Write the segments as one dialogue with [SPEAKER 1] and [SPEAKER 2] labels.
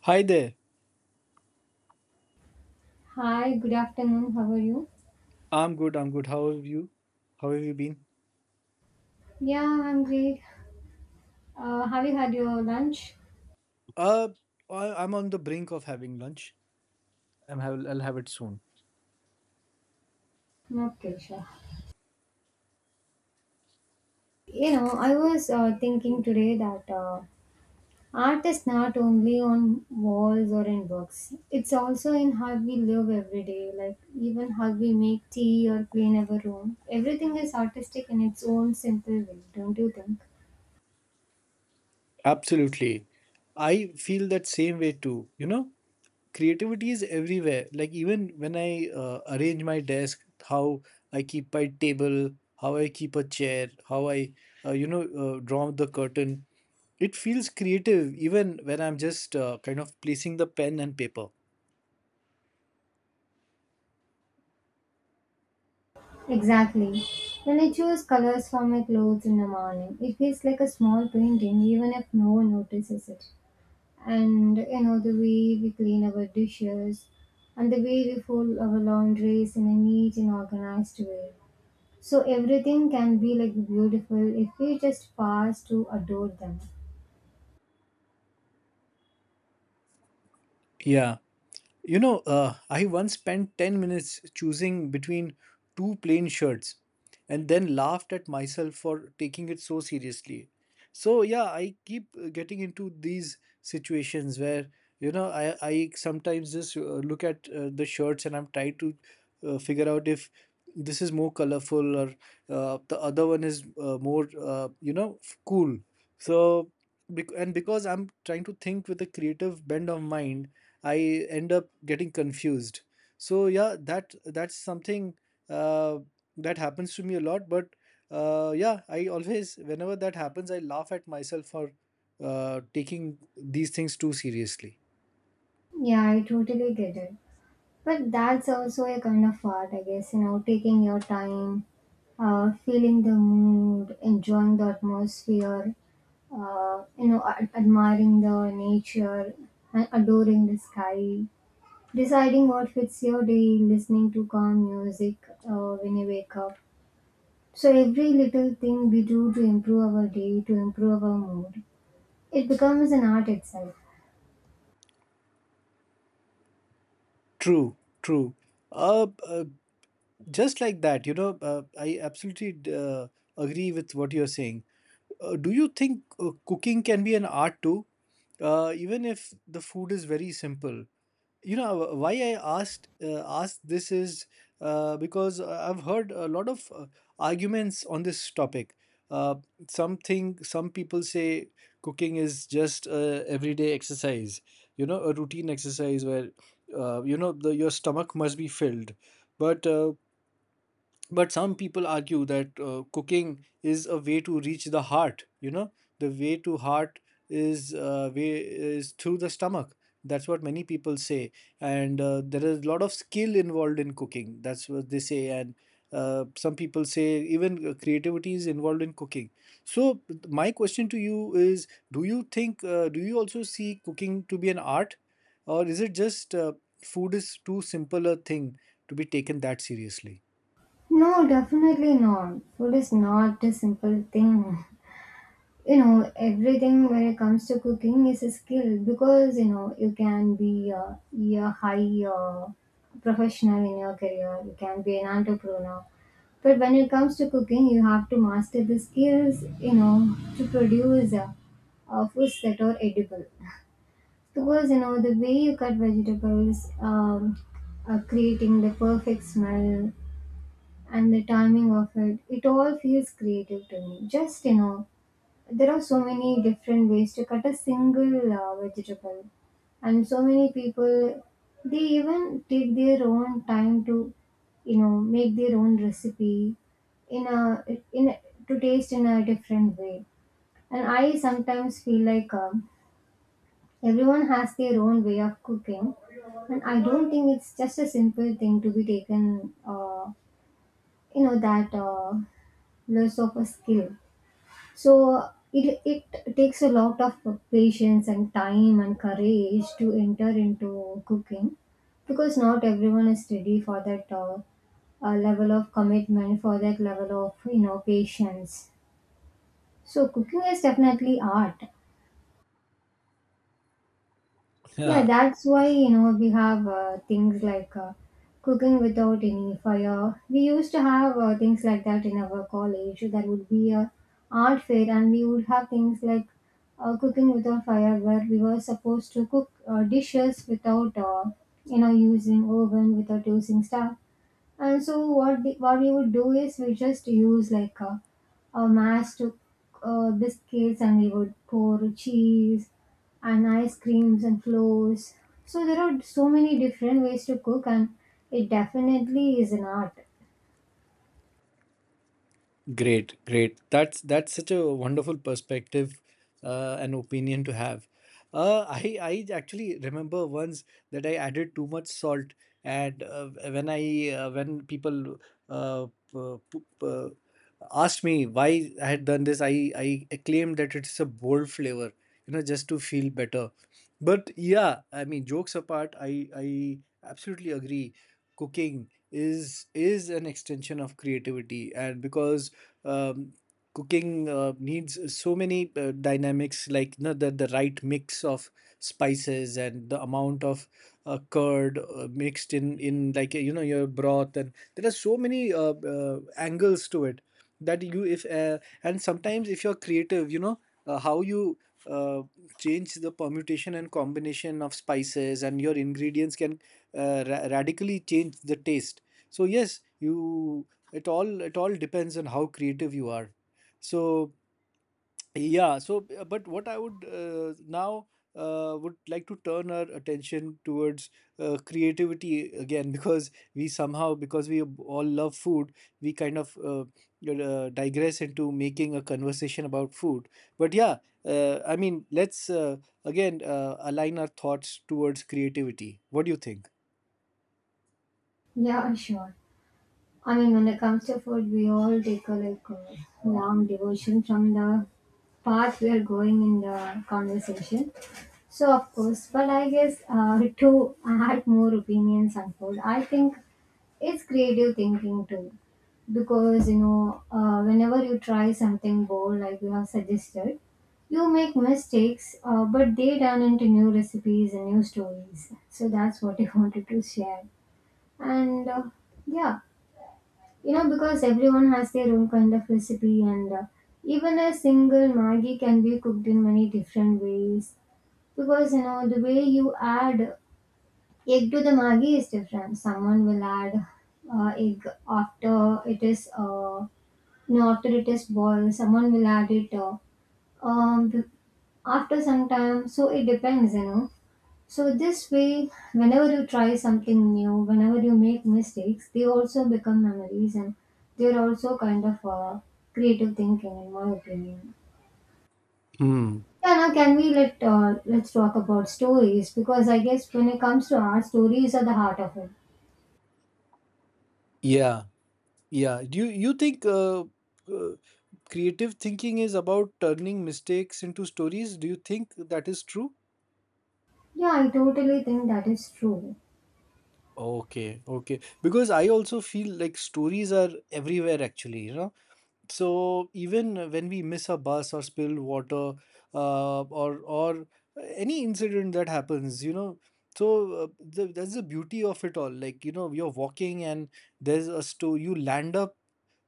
[SPEAKER 1] Hi there.
[SPEAKER 2] Hi, good afternoon. How are you?
[SPEAKER 1] I'm good. I'm good. How have you? How have you been?
[SPEAKER 2] Yeah, I'm great. Have you had your lunch?
[SPEAKER 1] Uh, I'm on the brink of having lunch. I'll have it soon.
[SPEAKER 2] Okay, sure. I was thinking today that art is not only on walls or in books, it's also in how we live every day, like even how we make tea or clean our room. Everything is artistic in its own simple way, don't you think?
[SPEAKER 1] Absolutely. I feel that same way too. You know, creativity is everywhere. Like even when I arrange my desk, how I keep my table, how I keep a chair, how I, you know, draw the curtain. It feels creative even when I'm just kind of placing the pen and paper.
[SPEAKER 2] Exactly. When I choose colors for my clothes in the morning, it feels like a small painting even if no one notices it. And you know the way we clean our dishes, and the way we fold our laundries in a neat and organized way, so everything can be like beautiful if we just pass to adore them.
[SPEAKER 1] Yeah. I once spent 10 minutes choosing between two plain shirts and then laughed at myself for taking it so seriously. So, yeah, I keep getting into these situations where, you know, I sometimes just look at the shirts and I'm trying to figure out if this is more colorful or the other one is you know, cool. So, bec- and because I'm trying to think with a creative bend of mind, I end up getting confused. So yeah, that's something uh, that happens to me a lot. But yeah, I always whenever that happens, I laugh at myself for taking these things too seriously.
[SPEAKER 2] Yeah, I totally get it, but that's also a kind of art, I guess. You know, taking your time, feeling the mood, enjoying the atmosphere, admiring the nature and adoring the sky, deciding what fits your day, listening to calm music when you wake up. So every little thing we do to improve our day, to improve our mood, it becomes an art itself.
[SPEAKER 1] True, true. Uh, uh, just like that, I absolutely agree with what you're saying. Do you think cooking can be an art too? Even if the food is very simple, you know why I asked this is because I've heard a lot of arguments on this topic. uh, some people say cooking is just everyday exercise, you know, a routine exercise where you know your stomach must be filled, but uh, but some people argue that cooking is a way to reach the heart, you know, the way to heart is through the stomach. That's what many people say. And there is a lot of skill involved in cooking, that's what they say, and some people say even creativity is involved in cooking. So my question to you is, do you think do you also see cooking to be an art, or is it just food is too simple a thing to be taken that seriously?
[SPEAKER 2] No, definitely not. Food is not a simple thing. You know, everything when it comes to cooking is a skill, because you know you can be a high professional in your career, you can be an entrepreneur, but when it comes to cooking you have to master the skills, you know, to produce foods that are edible. Because you know the way you cut vegetables, creating the perfect smell and the timing of it, it all feels creative to me. Just you know, there are so many different ways to cut a single vegetable, and so many people, they even take their own time to, you know, make their own recipe in a in a, to taste in a different way. And I sometimes feel like everyone has their own way of cooking, and I don't think it's just a simple thing to be taken, you know, that loss of a skill. So it takes a lot of patience and time and courage to enter into cooking, because not everyone is ready for that level of commitment, for that level of, you know, patience. So cooking is definitely art. Yeah, that's why, you know, we have things like cooking without any fire. We used to have things like that in our college. That would be a art fair, and we would have things like cooking without fire, where we were supposed to cook dishes without you know, using oven, without using stuff. And so what what we would do is we just use like a mass to biscuits, and we would pour cheese and ice creams and flours. So there are so many different ways to cook, and it definitely is an art.
[SPEAKER 1] Great, great. That's such a wonderful perspective and opinion to have. I actually remember once that I added too much salt, and when people uh, p- p- p- asked me why I had done this, I claimed that it's a bold flavor, you know, just to feel better. But yeah, I mean, jokes apart, I absolutely agree. Cooking is an extension of creativity, and because um, cooking needs so many dynamics, like, you know, the right mix of spices and the amount of curd mixed in like, you know, your broth, and there are so many angles to it that you if and sometimes if you're creative, you know, how you uh, change the permutation and combination of spices, and your ingredients can radically change the taste. So yes, you it all depends on how creative you are. So yeah, but what I would now would like to turn our attention towards creativity again, because we somehow, because we all love food, we kind of digress into making a conversation about food. But yeah, I mean, let's again align our thoughts towards creativity. What do you think?
[SPEAKER 2] Yeah, sure. I mean, when it comes to food, we all take a like a long devotion from the path we are going in the conversation. So of course, but I guess to add more opinions on food, I think it's creative thinking too, because you know, whenever you try something bold like you have suggested, you make mistakes, but they turn into new recipes and new stories. So that's what I wanted to share, and yeah. You know, because everyone has their own kind of recipe, and even a single Maggi can be cooked in many different ways. Because, you know, the way you add egg to the Maggi is different. Someone will add egg after it is. You know, after it is boiled, someone will add it um, after some time. So it depends, you know. So this way, whenever you try something new, whenever you make mistakes, they also become memories, and they're also kind of creative thinking, in my opinion.
[SPEAKER 1] Hmm.
[SPEAKER 2] Yeah, now can we let's talk about stories, because I guess when it comes to art, stories are the heart of it.
[SPEAKER 1] Yeah. Yeah. You think uh, creative thinking is about turning mistakes into stories? Do you think that is true?
[SPEAKER 2] Yeah, I totally think that is true.
[SPEAKER 1] Okay, okay. Because I also feel like stories are everywhere actually, you know. So even when we miss a bus or spill water, or any incident that happens, you know. So that's the beauty of it all. Like, you know, you're walking and there's a store, you land up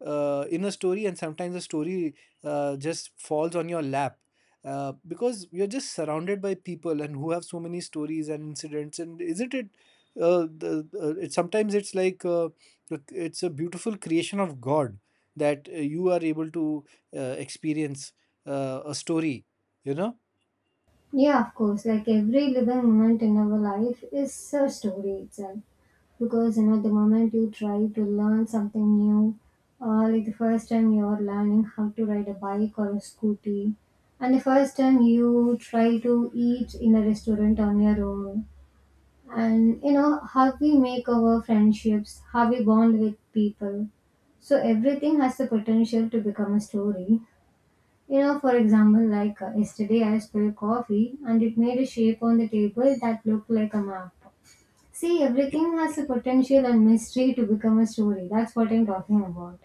[SPEAKER 1] in a story, and sometimes a story just falls on your lap because you're just surrounded by people and who have so many stories and incidents. And isn't it it sometimes it's like it's a beautiful creation of God that you are able to experience a story, you know?
[SPEAKER 2] Yeah, of course, like every living moment in our life is a story itself. Because you know the moment you try to learn something new, like the first time you're learning how to ride a bike or a scooty, and the first time you try to eat in a restaurant on your own, and you know how we make our friendships, how we bond with people, so everything has the potential to become a story. You know, for example, like yesterday I spilled coffee and it made a shape on the table that looked like a map. See, everything has the potential and mystery to become a story. That's what I'm talking about.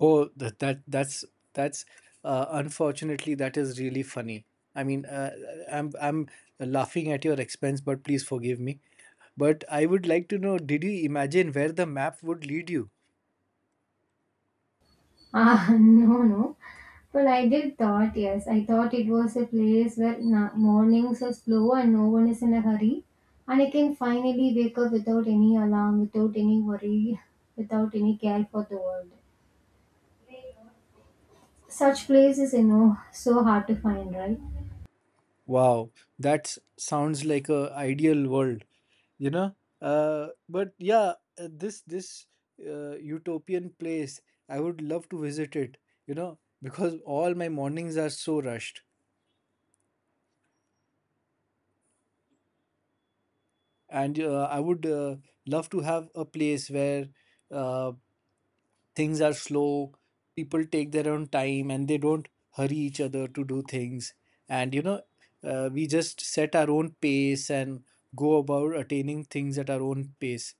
[SPEAKER 1] Oh, that's unfortunately that is really funny. I mean, I'm laughing at your expense, but please forgive me. But I would like to know, did you imagine where the map would lead you?
[SPEAKER 2] Ah, no, no. But I did thought, yes, I thought it was a place where mornings are slow and no one is in a hurry, and I can finally wake up without any alarm, without any worry, without any care for the world. Such place is, you know, so hard to find, right?
[SPEAKER 1] Wow, that sounds like a ideal world, you know? But yeah, this utopian place, I would love to visit it, you know, because all my mornings are so rushed. And I would love to have a place where uh, things are slow, people take their own time and they don't hurry each other to do things. And, you know, we just set our own pace and go about attaining things at our own pace.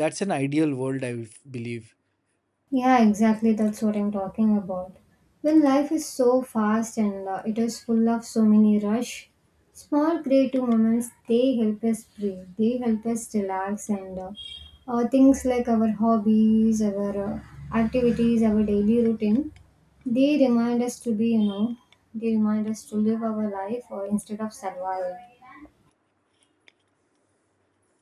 [SPEAKER 1] That's an ideal world, I believe.
[SPEAKER 2] Yeah, exactly. That's what I'm talking about. When life is so fast and it is full of so many rush, small creative moments, they help us breathe. They help us relax, and things like our hobbies, our activities, our daily routine. They remind us to be, you know, they remind us to live our life instead of surviving.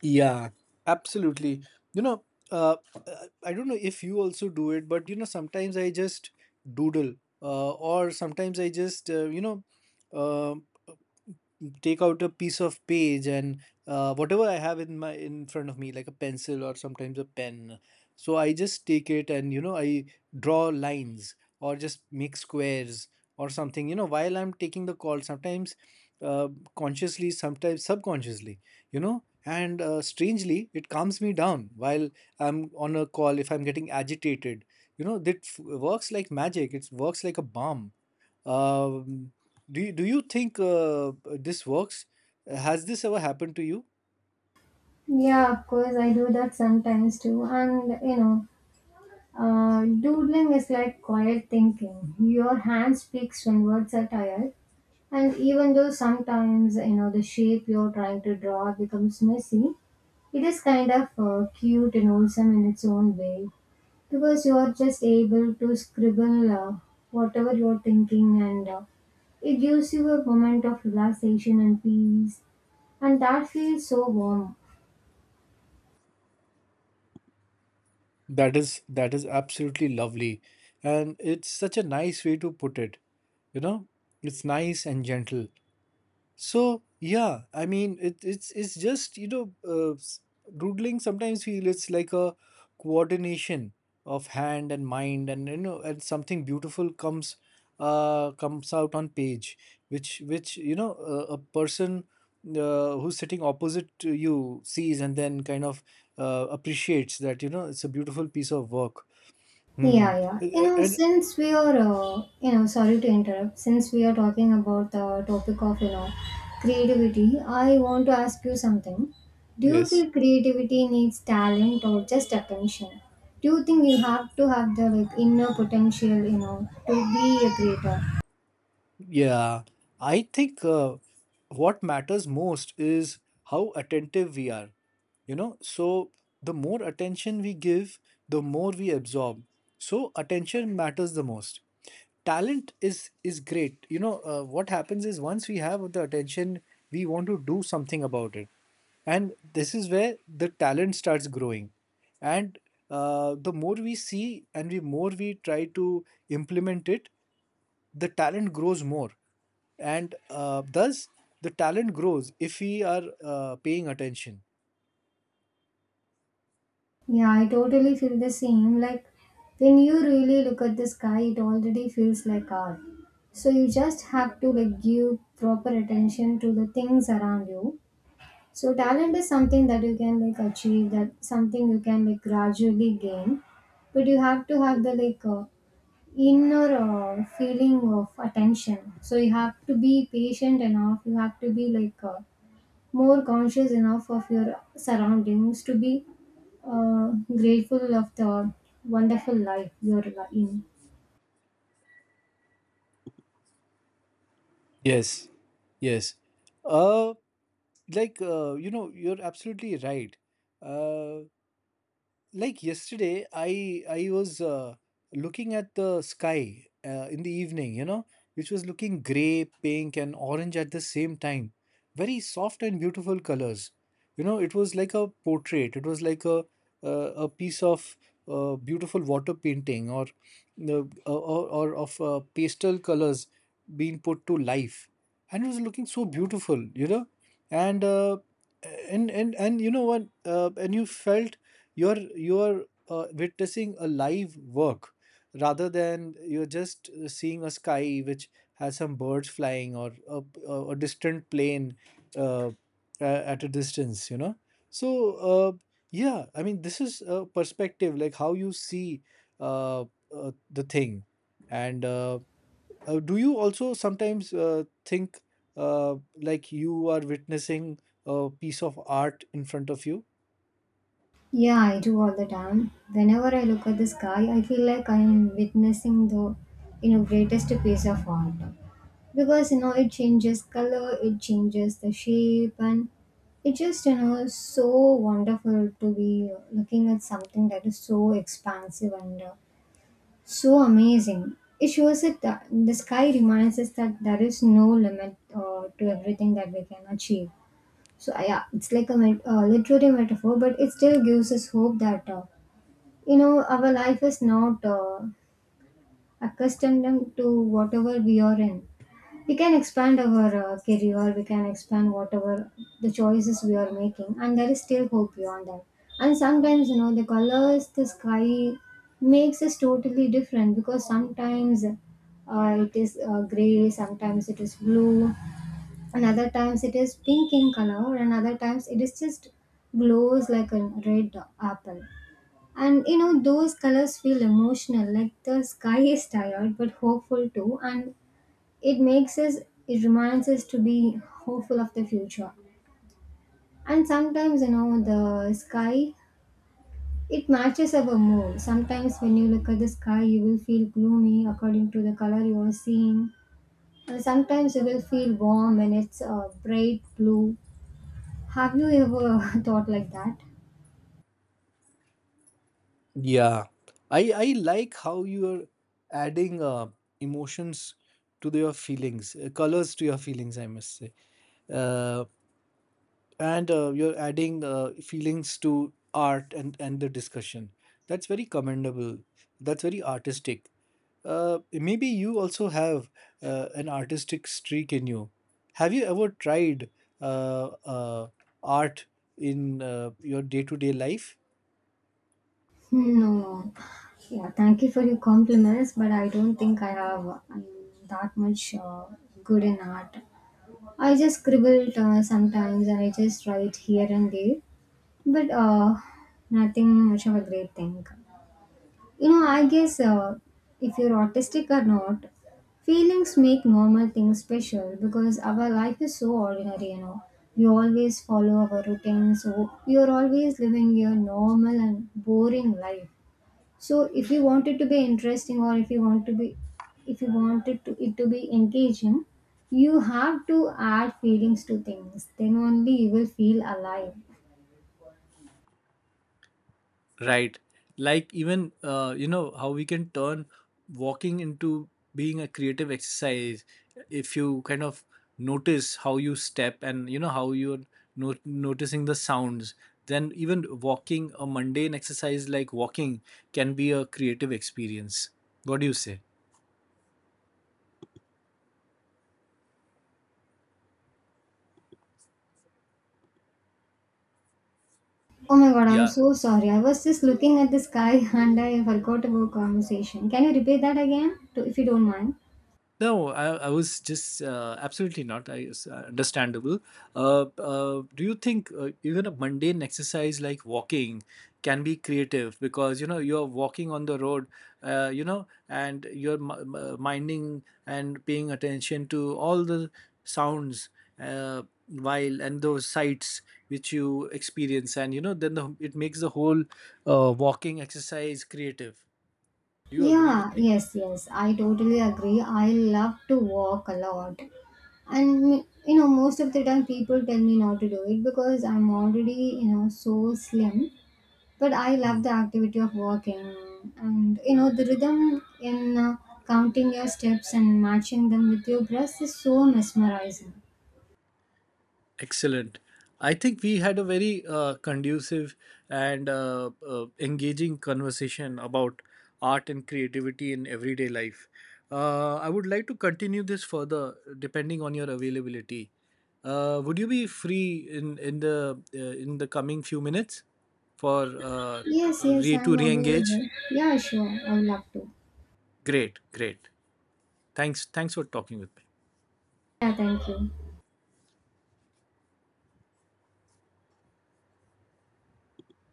[SPEAKER 1] Yeah, absolutely. You know, uh, I don't know if you also do it, but you know, sometimes I just doodle, or sometimes I just, uh, take out a piece of page, and whatever I have in my in front of me, like a pencil or sometimes a pen. So I just take it, and you know, I draw lines or just make squares or something. You know, while I'm taking the call, sometimes uh, consciously, sometimes subconsciously. You know, and strangely it calms me down while I'm on a call if I'm getting agitated, you know, that works like magic, it works like a balm. um, do you think this works, has this ever happened to you?
[SPEAKER 2] Yeah, of course, I do that sometimes too. And you know, doodling is like quiet thinking. Your hand speaks when words are tired, and even though sometimes you know the shape you're trying to draw becomes messy, it is kind of cute and wholesome in its own way, because you're just able to scribble whatever you're thinking, and it gives you a moment of relaxation and peace, and that feels so warm.
[SPEAKER 1] That is, that is absolutely lovely, and it's such a nice way to put it. You know, it's nice and gentle. So yeah, I mean it's just, you know, doodling sometimes feel it's like a coordination of hand and mind, and you know, and something beautiful comes comes out on page, which you know, a person who's sitting opposite to you sees, and then kind of appreciates that, you know, it's a beautiful piece of work. Hmm.
[SPEAKER 2] Yeah, yeah. You know,
[SPEAKER 1] And
[SPEAKER 2] since we are, you know, sorry to interrupt, since we are talking about the topic of, you know, creativity, I want to ask you something. Do you
[SPEAKER 1] yes.
[SPEAKER 2] feel creativity needs talent or just attention? Do you think you have to have the like inner potential, you know, to be a creator?
[SPEAKER 1] Yeah, I think what matters most is how attentive we are. You know, so the more attention we give, the more we absorb. So attention matters the most. Talent is great. You know, what happens is once we have the attention, we want to do something about it. And this is where the talent starts growing. And the more we see and the more we try to implement it, the talent grows more, and thus the talent grows if we are paying attention.
[SPEAKER 2] Yeah, I totally feel the same. Like when you really look at the sky, it already feels like art. So you just have to like give proper attention to the things around you. So talent is something that you can like achieve, that something you can like gradually gain, but you have to have the like inner feeling of attention. So you have to be patient enough. You have to be like more conscious enough of your surroundings to be uh, grateful of the wonderful life you're in.
[SPEAKER 1] Yes. Yes. uh like you know, you're absolutely right. Uh like yesterday I was looking at the sky in the evening, you know, which was looking gray, pink, and orange at the same time. Very soft and beautiful colors. You know, it was like a portrait. It was like a piece of beautiful water painting, or of pastel colors being put to life, and it was looking so beautiful. You know, and uh, and you know what? And you felt you're witnessing a live work rather than you're just seeing a sky which has some birds flying or a distant plane uh, at a distance, you know. So yeah, I mean, this is a perspective like how you see uh, the thing. And do you also sometimes think uh, like you are witnessing a piece of art in front of you?
[SPEAKER 2] Yeah, I do all the time. Whenever I look at the sky, I feel like I am witnessing the, you know, greatest piece of art. Because you know it changes color, it changes the shape, and it just, you know, so wonderful to be looking at something that is so expansive and so amazing. It shows that the sky reminds us that there is no limit to everything that we can achieve. So yeah, it's like a literary metaphor, but it still gives us hope that you know our life is not accustomed to whatever we are in. We can expand our career, we can expand whatever the choices we are making, and there is still hope beyond that. And sometimes you know the colors, the sky makes us totally different, because sometimes it is gray, sometimes it is blue, and other times it is pink in color, and other times it is just glows like a red apple. And you know those colors feel emotional, like the sky is tired but hopeful too, and it makes us, it reminds us to be hopeful of the future. And sometimes you know the sky, it matches our mood. Sometimes when you look at the sky you will feel gloomy according to the color you are seeing, and sometimes you will feel warm when it's a bright blue. Have you ever thought like that?
[SPEAKER 1] Yeah, I like how you're adding emotions to your feelings, colors to your feelings, I must say, uh, and you're adding feelings to art and the discussion. That's very commendable. That's very artistic. Maybe you also have an artistic streak in you. Have you ever tried uh, uh, art in your day-to-day life?
[SPEAKER 2] No. Yeah, thank you for your compliments, but I don't think I have that much good in art. I just scribbled sometimes, and I just write here and there, but nothing much of a great thing. You know, I guess if you're autistic or not, feelings make normal things special because our life is so ordinary, you know. We always follow our routine, so we are always living a normal and boring life. So if you want it to be interesting, or if you want to be, if you want it it to be engaging, you have to add feelings to things. Then only you will feel alive.
[SPEAKER 1] Right. Like even you know how we can turn walking into being a creative exercise if you kind of notice how you step, and you know how you're noticing the sounds. Then even walking, a mundane exercise like walking, can be a creative experience. What do you say?
[SPEAKER 2] Oh my god, I'm
[SPEAKER 1] Yeah.
[SPEAKER 2] so sorry. I was just looking at the sky and I forgot about conversation. Can you repeat that again, if you don't mind?
[SPEAKER 1] No, I was just absolutely not. I it's, understandable. Do you think even a mundane exercise like walking can be creative, because you know you're walking on the road, you know, and you're minding and paying attention to all the sounds while and those sights which you experience, and you know, it makes the whole walking exercise creative. Do you agree with
[SPEAKER 2] Yeah,
[SPEAKER 1] me?
[SPEAKER 2] yes, yes. I totally agree. I love to walk a lot. And, you know, most of the time people tell me not to do it because I'm already, you know, so slim. But I love the activity of walking, and, you know, the rhythm in counting your steps and matching them with your breath is so mesmerizing.
[SPEAKER 1] Excellent. I think we had a very conducive and engaging conversation about art and creativity in everyday life. I would like to continue this further depending on your availability. Would you be free in the coming few minutes for
[SPEAKER 2] Yes, yes, I'm
[SPEAKER 1] to re-engage?
[SPEAKER 2] available. Yeah, sure. I would love to.
[SPEAKER 1] Great, great. Thanks, thanks for talking with me.
[SPEAKER 2] Yeah, thank you.